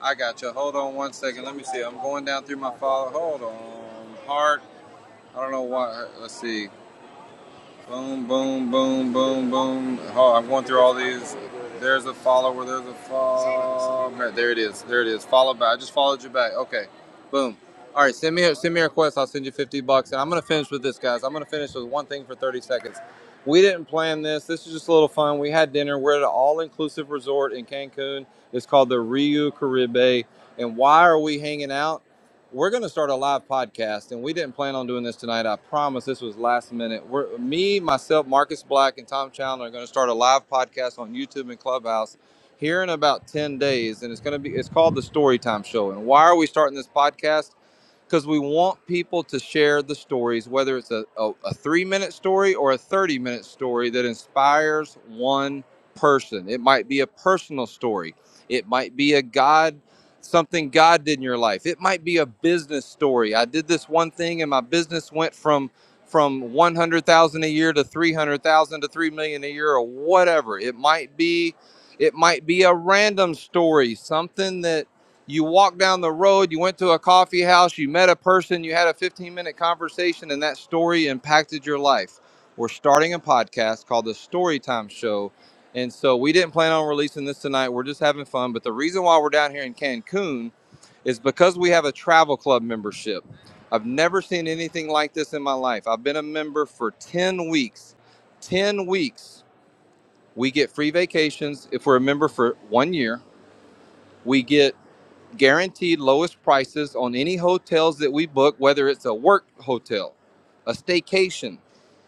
Speaker 1: I got you. Hold on one second. Let me see. I'm going down through my follow. Hold on. Heart. I don't know why. Let's see. Boom, boom, boom, boom, boom. Oh, I'm going through all these. There's a follower. There's a follow. There it is. There it is. Follow back. I just followed you back. Okay. Boom. All right. Send me a, send me a request. I'll send you 50 bucks. And I'm gonna finish with this, guys. I'm gonna finish with one thing for 30 seconds. We didn't plan this. This is just a little fun. We had dinner. We're at an all-inclusive resort in Cancun. It's called the Rio Caribe. And why are we hanging out? we're going to start a live podcast and we didn't plan on doing this tonight i promise this was last minute we're me myself marcus black and tom chandler are going to start a live podcast on youtube and clubhouse here in about 10 days and it's going to be it's called the storytime show and why are we starting this podcast because we want people to share the stories, whether it's a, a, a three minute story or a 30 minute story that inspires one person. It might be a personal story, it might be a God, something God did in your life, it might be a business story. I did this one thing and my business went from from 100,000 a year to 300,000 to 3 million a year or whatever. It might be it might be a random story, something that you walked down the road, you went to a coffee house, you met a person, you had a 15 minute conversation, and that story impacted your life. We're starting a podcast called The Storytime Show. And so we didn't plan on releasing this tonight. We're just having fun. But the reason why we're down here in Cancun is because we have a travel club membership. I've never seen anything like this in my life. I've been a member for 10 weeks. 10 weeks. We get free vacations if we're a member for one year. We get guaranteed lowest prices on any hotels that we book, whether it's a work hotel, a staycation,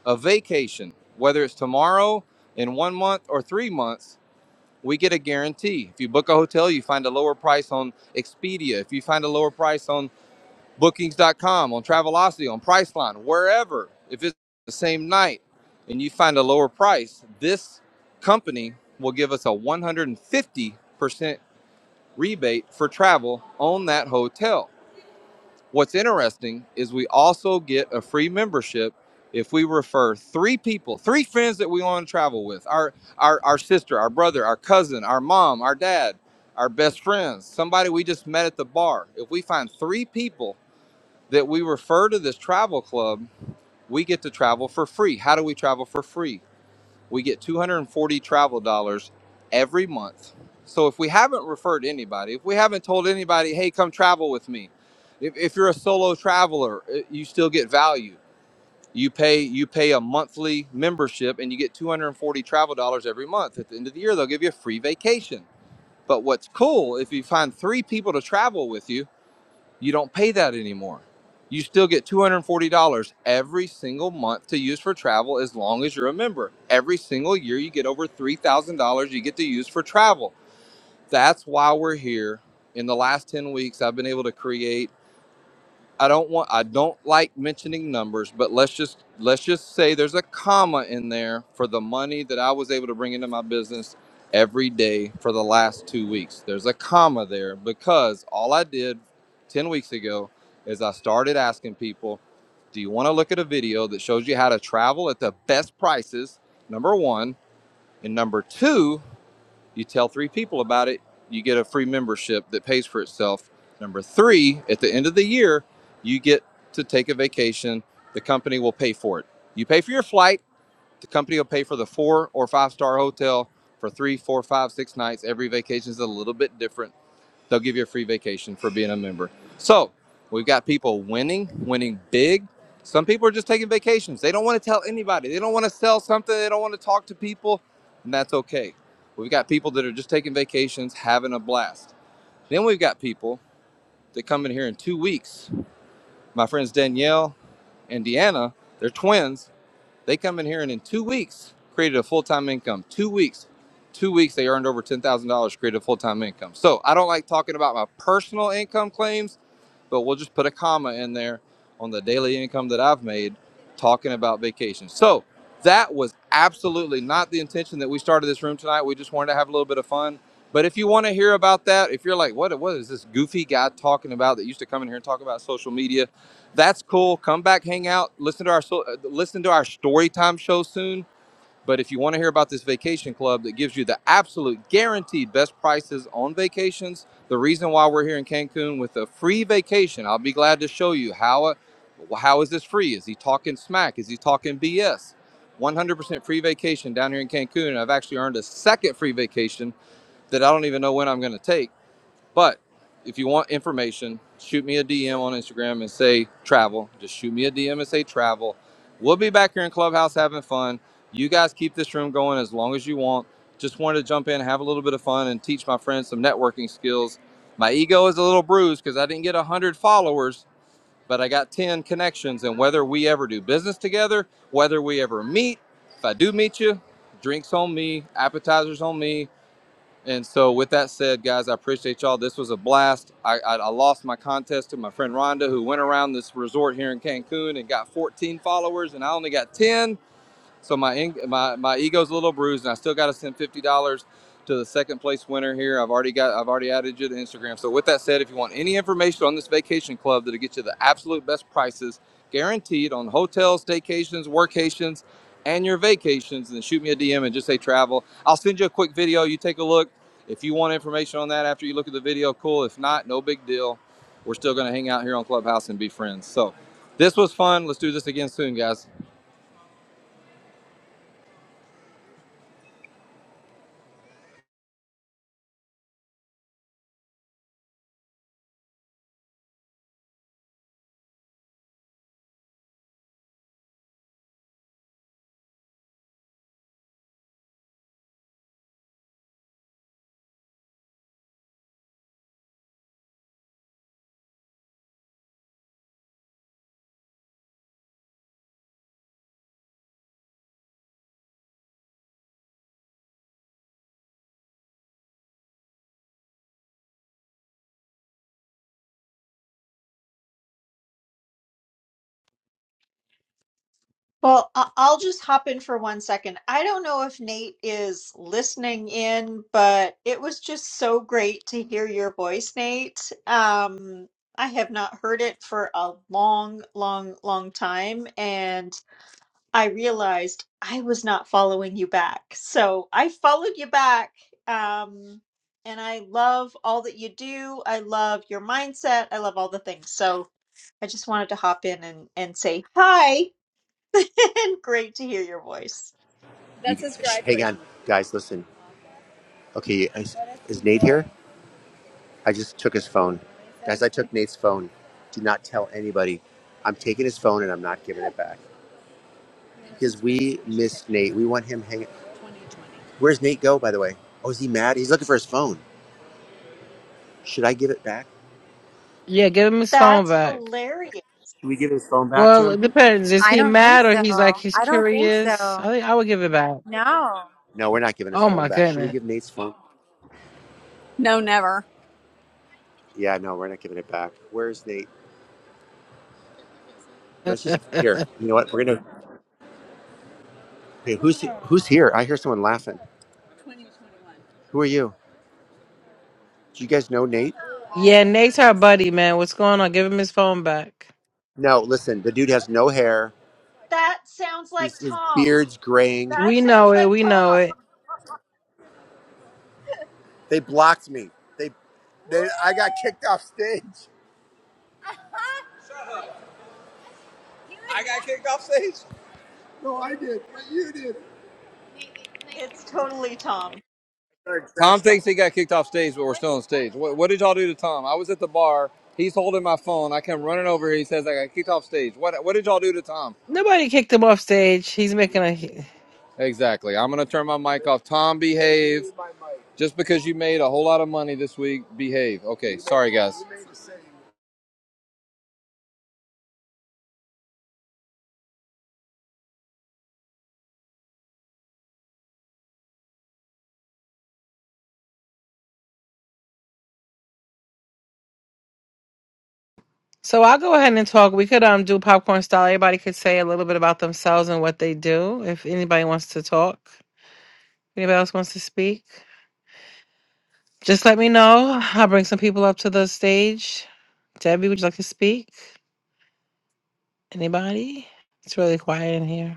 Speaker 1: a vacation, whether it's tomorrow, in one month, or three months. We get a guarantee. If you book a hotel, you find a lower price on Expedia. If you find a lower price on bookings.com, on Travelocity, on Priceline, wherever, if it's the same night and you find a lower price, this company will give us a 150% rebate for travel on that hotel. What's interesting is we also get a free membership if we refer three people, three friends that we want to travel with our, our, our sister, our brother, our cousin, our mom, our dad, our best friends, somebody we just met at the bar. If we find three people that we refer to this travel club, we get to travel for free. How do we travel for free? We get 240 travel dollars every month. So if we haven't referred anybody, if we haven't told anybody, hey, come travel with me, if, if you're a solo traveler, eh, you still get value. You pay you pay a monthly membership and you get 240 travel dollars every month. At the end of the year, they'll give you a free vacation. But what's cool if you find three people to travel with you you don't pay that anymore. You still get $240 every single month to use for travel as long as you're a member. Every single year, you get over $3,000 you get to use for travel. That's why we're here. In the last 10 weeks, I've been able to create I don't want I don't like mentioning numbers, but let's just let's just say there's a comma in there for the money that I was able to bring into my business every day for the last 2 weeks. There's a comma there because all I did 10 weeks ago is I started asking people, "Do you want to look at a video that shows you how to travel at the best prices?" Number 1, and number 2, you tell three people about it, you get a free membership that pays for itself. Number three, at the end of the year, you get to take a vacation. The company will pay for it. You pay for your flight, the company will pay for the four or five star hotel for three, four, five, six nights. Every vacation is a little bit different They'll give you a free vacation for being a member. So we've got people winning, winning big. Some people are just taking vacations. They don't want to tell anybody. They don't want to sell something. They don't want to talk to people, and that's okay. We've got people that are just taking vacations, having a blast. Then we've got people that come in here in two weeks. My friends Danielle and Deanna, they're twins they come in here and in two weeks created a full time income. Two weeks, two weeks they earned over ten thousand dollars, created a full time income. So I don't like talking about my personal income claims but we'll just put a comma in there on the daily income that I've made talking about vacations. So that was absolutely not the intention that we started this room tonight. We just wanted to have a little bit of fun. But if you want to hear about that, if you're like, what, what is this goofy guy talking about that used to come in here and talk about social media? That's cool. Come back, hang out, listen to our so- uh, listen to our story time show soon but if you want to hear about this vacation club that gives you the absolute guaranteed best prices on vacations, the reason why we're here in Cancun with a free vacation, I'll be glad to show you how. How is this free? Is he talking smack? Is he talking BS? 100% free vacation down here in Cancun. I've actually earned a second free vacation that I don't even know when I'm going to take but if you want information, shoot me a DM on Instagram and say travel. Just shoot me a DM and say travel. We'll be back here in Clubhouse having fun. You guys keep this room going as long as you want. Just wanted to jump in, have a little bit of fun, and teach my friends some networking skills. My ego is a little bruised because I didn't get 100 followers, but I got 10 connections. And whether we ever do business together, whether we ever meet, if I do meet you, drinks on me, appetizers on me, and so, with that said, guys, I appreciate y'all. This was a blast. I, I, I lost my contest to my friend Rhonda, who went around this resort here in Cancun and got 14 followers, and I only got 10. So my my my ego's a little bruised, and I still got to send fifty dollars to the second place winner here. I've already got I've already added you to Instagram. So with that said, if you want any information on this vacation club that'll get you the absolute best prices, guaranteed on hotels, staycations, workations, and your vacations, then shoot me a DM and just say travel. I'll send you a quick video. You take a look. If you want information on that after you look at the video, cool. If not, no big deal. We're still going to hang out here on Clubhouse and be friends. So this was fun. Let's do this again soon, guys.
Speaker 7: Well, I- I'll just hop in for one second. I don't know if Nate is listening in, but it was just so great to hear your voice, Nate. Um, I have not heard it for a long, long, long time, and I realized I was not following you back. So I followed you back. Um, and I love all that you do. I love your mindset. I love all the things. So I just wanted to hop in and, and say hi and great to hear your voice.
Speaker 1: You, That's his sh- driveway. hang on, guys. Listen. Okay, I, is Nate here? I just took his phone, guys. I took Nate's phone. Do not tell anybody. I'm taking his phone and I'm not giving it back because we miss Nate. We want him hanging. Where's Nate go? By the way. Oh, is he mad? He's looking for his phone. Should I give it back?
Speaker 3: Yeah, give him his phone
Speaker 7: That's
Speaker 3: back.
Speaker 7: hilarious.
Speaker 1: Should we give his phone back to
Speaker 3: Well,
Speaker 1: him?
Speaker 3: it depends. Is he mad or he's like he's curious? I think I would give it back.
Speaker 1: No. No, we're not giving his
Speaker 3: Oh
Speaker 1: phone
Speaker 3: my
Speaker 1: back. Should we
Speaker 3: goodness.
Speaker 1: give Nate's phone? No, never. Yeah, no, we're not giving it back. Where's Nate? Let's just here. You know what? We're gonna. Hey, who's who's here? I hear someone laughing. Who are you? Do you guys know Nate?
Speaker 3: yeah, Nate's our buddy, man. What's going on? Give him his phone back.
Speaker 1: No, listen, the dude has no hair.
Speaker 7: That sounds like
Speaker 1: He's his
Speaker 7: Tom.
Speaker 1: beard's graying.
Speaker 7: That
Speaker 3: We
Speaker 7: sounds
Speaker 3: know it.
Speaker 7: like
Speaker 3: We know
Speaker 7: Tom.
Speaker 3: it.
Speaker 1: They blocked me. They, they I got kicked off stage. I got kicked off stage.
Speaker 7: It's totally Tom.
Speaker 1: Tom thinks he got kicked off stage, but we're still on stage. What, what did y'all do to Tom? I was at the bar. He's holding my phone. I come running over. here. He says I got kicked off stage. What what did y'all do to Tom?
Speaker 3: Nobody kicked him off stage. He's making a.
Speaker 1: Exactly. I'm gonna turn my mic off. Tom, behave. Just because you made a whole lot of money this week, behave. Okay. Sorry, guys.
Speaker 3: So I'll go ahead and talk. We could um do popcorn style. Everybody could say a little bit about themselves and what they do. If anybody wants to talk, anybody else wants to speak, just let me know. I'll bring some people up to the stage. Debbie, would you like to speak? Anybody? It's really quiet in here.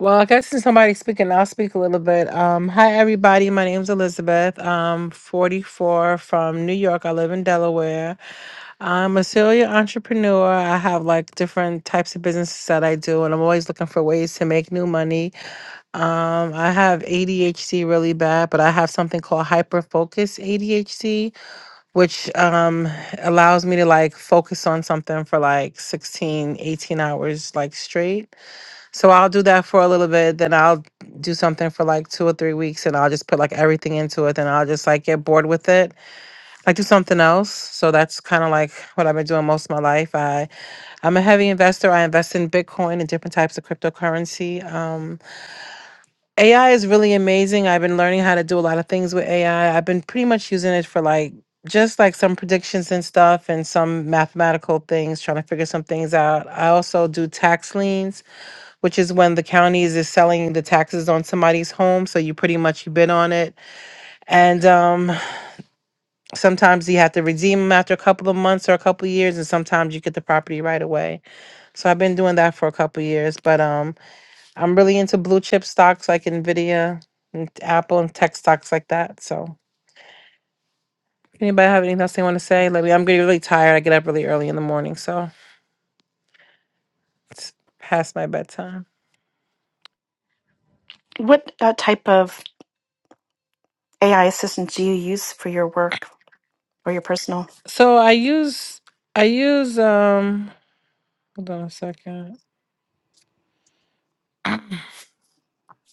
Speaker 3: Well, I guess since somebody's speaking, I'll speak a little bit. Um, hi, everybody. My name's Elizabeth. I'm 44 from New York. I live in Delaware. I'm a serial entrepreneur. I have like different types of businesses that I do, and I'm always looking for ways to make new money. Um, I have ADHD really bad, but I have something called hyperfocus ADHD, which um allows me to like focus on something for like 16, 18 hours like straight. So I'll do that for a little bit, then I'll do something for like two or three weeks and I'll just put like everything into it. Then I'll just like get bored with it. Like do something else. So that's kind of like what I've been doing most of my life. I, I'm a heavy investor. I invest in Bitcoin and different types of cryptocurrency. Um, AI is really amazing. I've been learning how to do a lot of things with AI. I've been pretty much using it for like just like some predictions and stuff and some mathematical things, trying to figure some things out. I also do tax liens which is when the counties is selling the taxes on somebody's home. So you pretty much you bid on it. And um, sometimes you have to redeem them after a couple of months or a couple of years. And sometimes you get the property right away. So I've been doing that for a couple of years. But um, I'm really into blue chip stocks like NVIDIA and Apple and tech stocks like that. So anybody have anything else they want to say? Let me, I'm getting really tired. I get up really early in the morning. So it's past my bedtime.
Speaker 8: What uh, type of AI assistant do you use for your work or your personal?
Speaker 3: So I use, I use, um, hold on a second.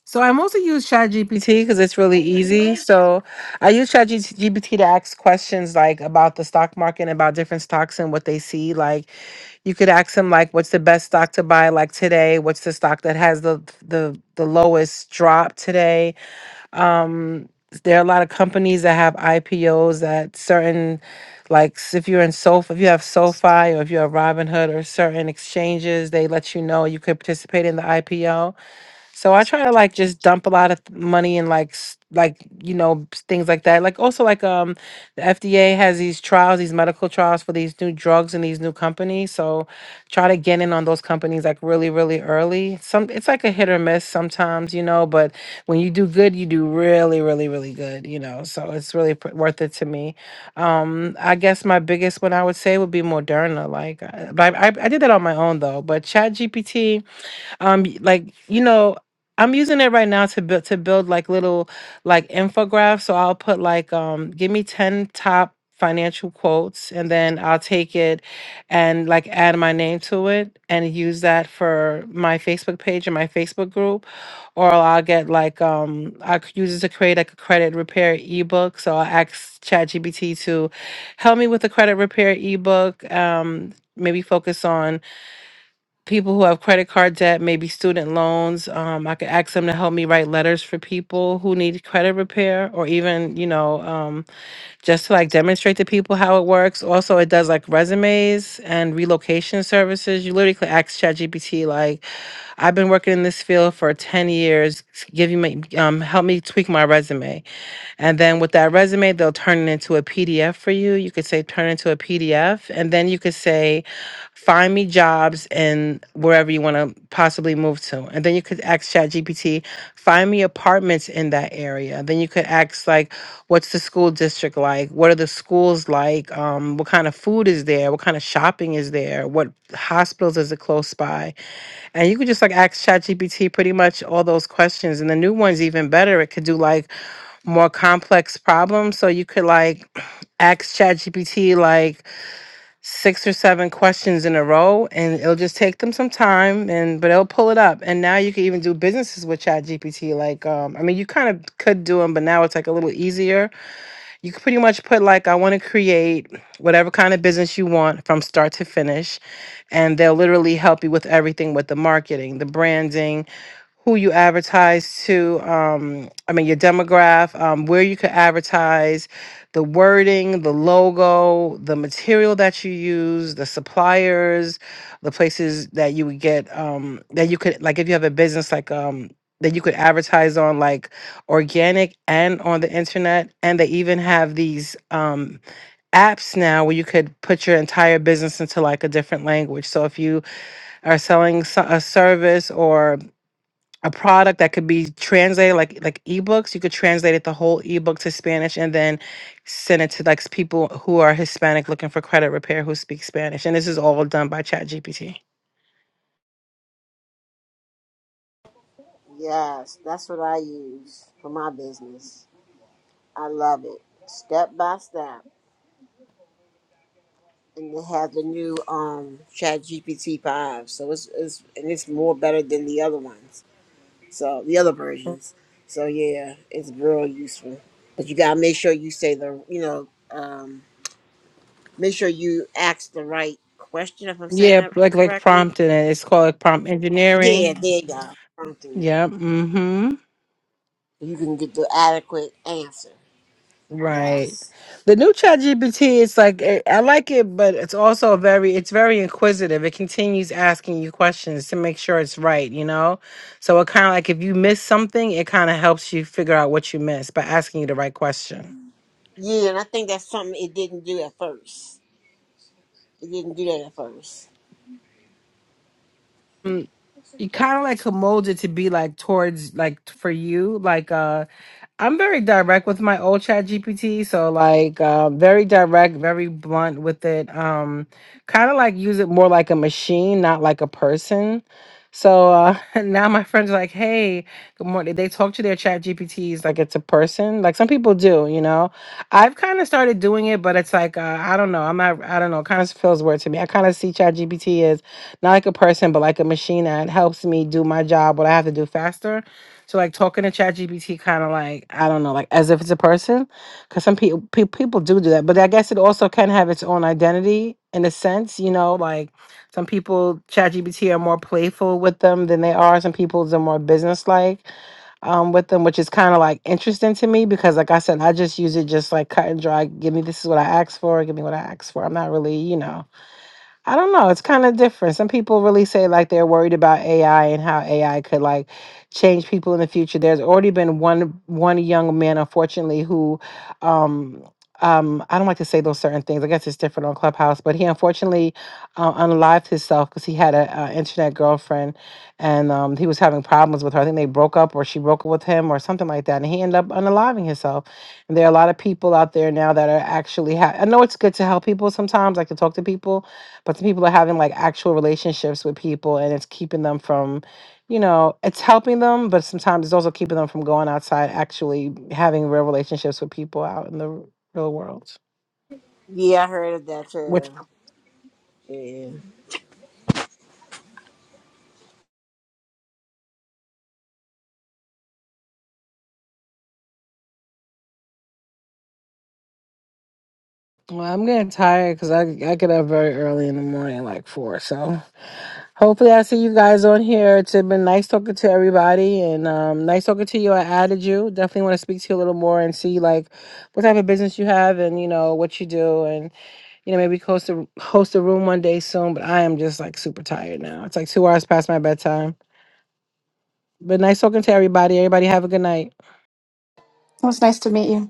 Speaker 3: So I mostly use ChatGPT because it's really easy. So I use ChatGPT to ask questions like about the stock market and about different stocks and what they see. Like you could ask them like, what's the best stock to buy like today? What's the stock that has the the the lowest drop today? Um, there are a lot of companies that have IPOs that certain like s- if you're in SoFi, if you have SoFi or if you have Robinhood or certain exchanges, they let you know you could participate in the IPO. So I try to like just dump a lot of th- money in like s- like you know s- things like that. Like also like um the FDA has these trials, these medical trials for these new drugs and these new companies. So try to get in on those companies like really really early. Some it's like a hit or miss sometimes, you know, but when you do good, you do really really really good, you know. So it's really pr- worth it to me. Um I guess my biggest one I would say would be Moderna like I, but I I I did that on my own though, but Chat GPT um y- like you know i'm using it right now to build to build like little like infographics. so i'll put like um give me 10 top financial quotes and then i'll take it and like add my name to it and use that for my facebook page and my facebook group or i'll get like um i could use it to create like a credit repair ebook so i'll ask ChatGPT to help me with the credit repair ebook um maybe focus on people who have credit card debt, maybe student loans. Um, I could ask them to help me write letters for people who need credit repair, or even you know, um, just to like demonstrate to people how it works. Also, it does like resumes and relocation services. You literally could ask ChatGPT like, "I've been working in this field for ten years. Give you my um, help me tweak my resume." And then with that resume, they'll turn it into a PDF for you. You could say turn it into a PDF. And then you could say, find me jobs in wherever you want to possibly move to. And then you could ask ChatGPT, find me apartments in that area. Then you could ask like, what's the school district like? What are the schools like? Um, what kind of food is there? What kind of shopping is there? What hospitals is it close by? And you could just like ask ChatGPT pretty much all those questions. And the new one's even better. It could do like more complex problems. So you could like ask ChatGPT like six or seven questions in a row and it'll just take them some time and but it'll pull it up. And now you can even do businesses with ChatGPT. Like um I mean you kind of could do them, but now it's like a little easier you can pretty much put like I want to create whatever kind of business you want from start to finish and they'll literally help you with everything with the marketing, the branding, who you advertise to um i mean your demographic um where you could advertise the wording the logo the material that you use the suppliers the places that you would get um that you could like if you have a business like um that you could advertise on like organic and on the internet and they even have these um apps now where you could put your entire business into like a different language so if you are selling so- a service or a product that could be translated like like ebooks you could translate it the whole ebook to spanish and then send it to like s- people who are hispanic looking for credit repair who speak spanish and this is all done by chat gpt
Speaker 6: Yes, that's what I use for my business. I love it. Step by step. And they have the new um Chat GPT five. So it's, it's and it's more better than the other ones. So the other versions. So yeah, it's real useful. But you gotta make sure you say the you know, um make sure you ask the right question if I'm saying
Speaker 3: yeah
Speaker 6: that
Speaker 3: like like
Speaker 6: correctly.
Speaker 3: prompting it it's called like, prompt
Speaker 6: Yeah,
Speaker 3: engineering
Speaker 6: there you go. Come through it.
Speaker 3: Yeah. Mm-hmm.
Speaker 6: So, You can get the adequate answer.
Speaker 3: Right.
Speaker 6: Yes.
Speaker 3: The new chat GPT, it's like eh, I like it, but it's also very it's very inquisitive. It continues asking you questions to make sure it's right, you know? So it kinda like if you miss something, it kinda helps you figure out what you missed by asking you the right question.
Speaker 6: Yeah, and I think that's something it didn't do at first. It didn't do that at first.
Speaker 3: Mm, You kinda like could mold it to be like towards like for you. Like uh I'm very direct with my old chat GPT. So like uh, very direct, very blunt with it. Um kind of like use it more like a machine, not like a person. So uh, now my friends are like, hey, good morning. They talk to their chat GPTs like it's a person. Like some people do, you know. I've kind of started doing it, but it's like uh, I don't know. I'm not I don't know, kind of feels weird to me. I kind of see chat GPT as not like a person, but like a machine that helps me do my job, what I have to do faster. So like talking to ChatGPT, kind of like I don't know, like as if it's a person, because some people pe- people do do that. But I guess it also can have its own identity in a sense, you know. Like some people, ChatGPT are more playful with them than they are. Some people are more businesslike um, with them, which is kind of like interesting to me because, like I said, I just use it just like cut and dry. Give me this is what I asked for. Give me what I asked for. I'm not really, you know. I don't know. It's kind of different. Some people really say like they're worried about AI and how AI could like change people in the future. There's already been one one young man, unfortunately, who um um I don't like to say those certain things. I guess it's different on Clubhouse, but he unfortunately uh, unalived himself because he had a, a internet girlfriend and um he was having problems with her. I think they broke up or she broke up with him or something like that, and he ended up unaliving himself. And there are a lot of people out there now that are actually. Ha- I know it's good to help people sometimes, like to talk to people but some people are having like actual relationships with people and it's keeping them from you know it's helping them but sometimes it's also keeping them from going outside actually having real relationships with people out in the r- real world
Speaker 6: Yeah, I heard of that
Speaker 3: which
Speaker 6: too. Yeah.
Speaker 3: well, i'm getting tired because I, I get up very early in the morning like four so hopefully i see you guys on here it's been nice talking to everybody and um, nice talking to you i added you definitely want to speak to you a little more and see like what type of business you have and you know what you do You know, maybe host a host a room one day soon. But I am just like super tired now. It's like two hours past my bedtime. But nice talking to everybody. Everybody have a good night.
Speaker 8: It was nice to meet you.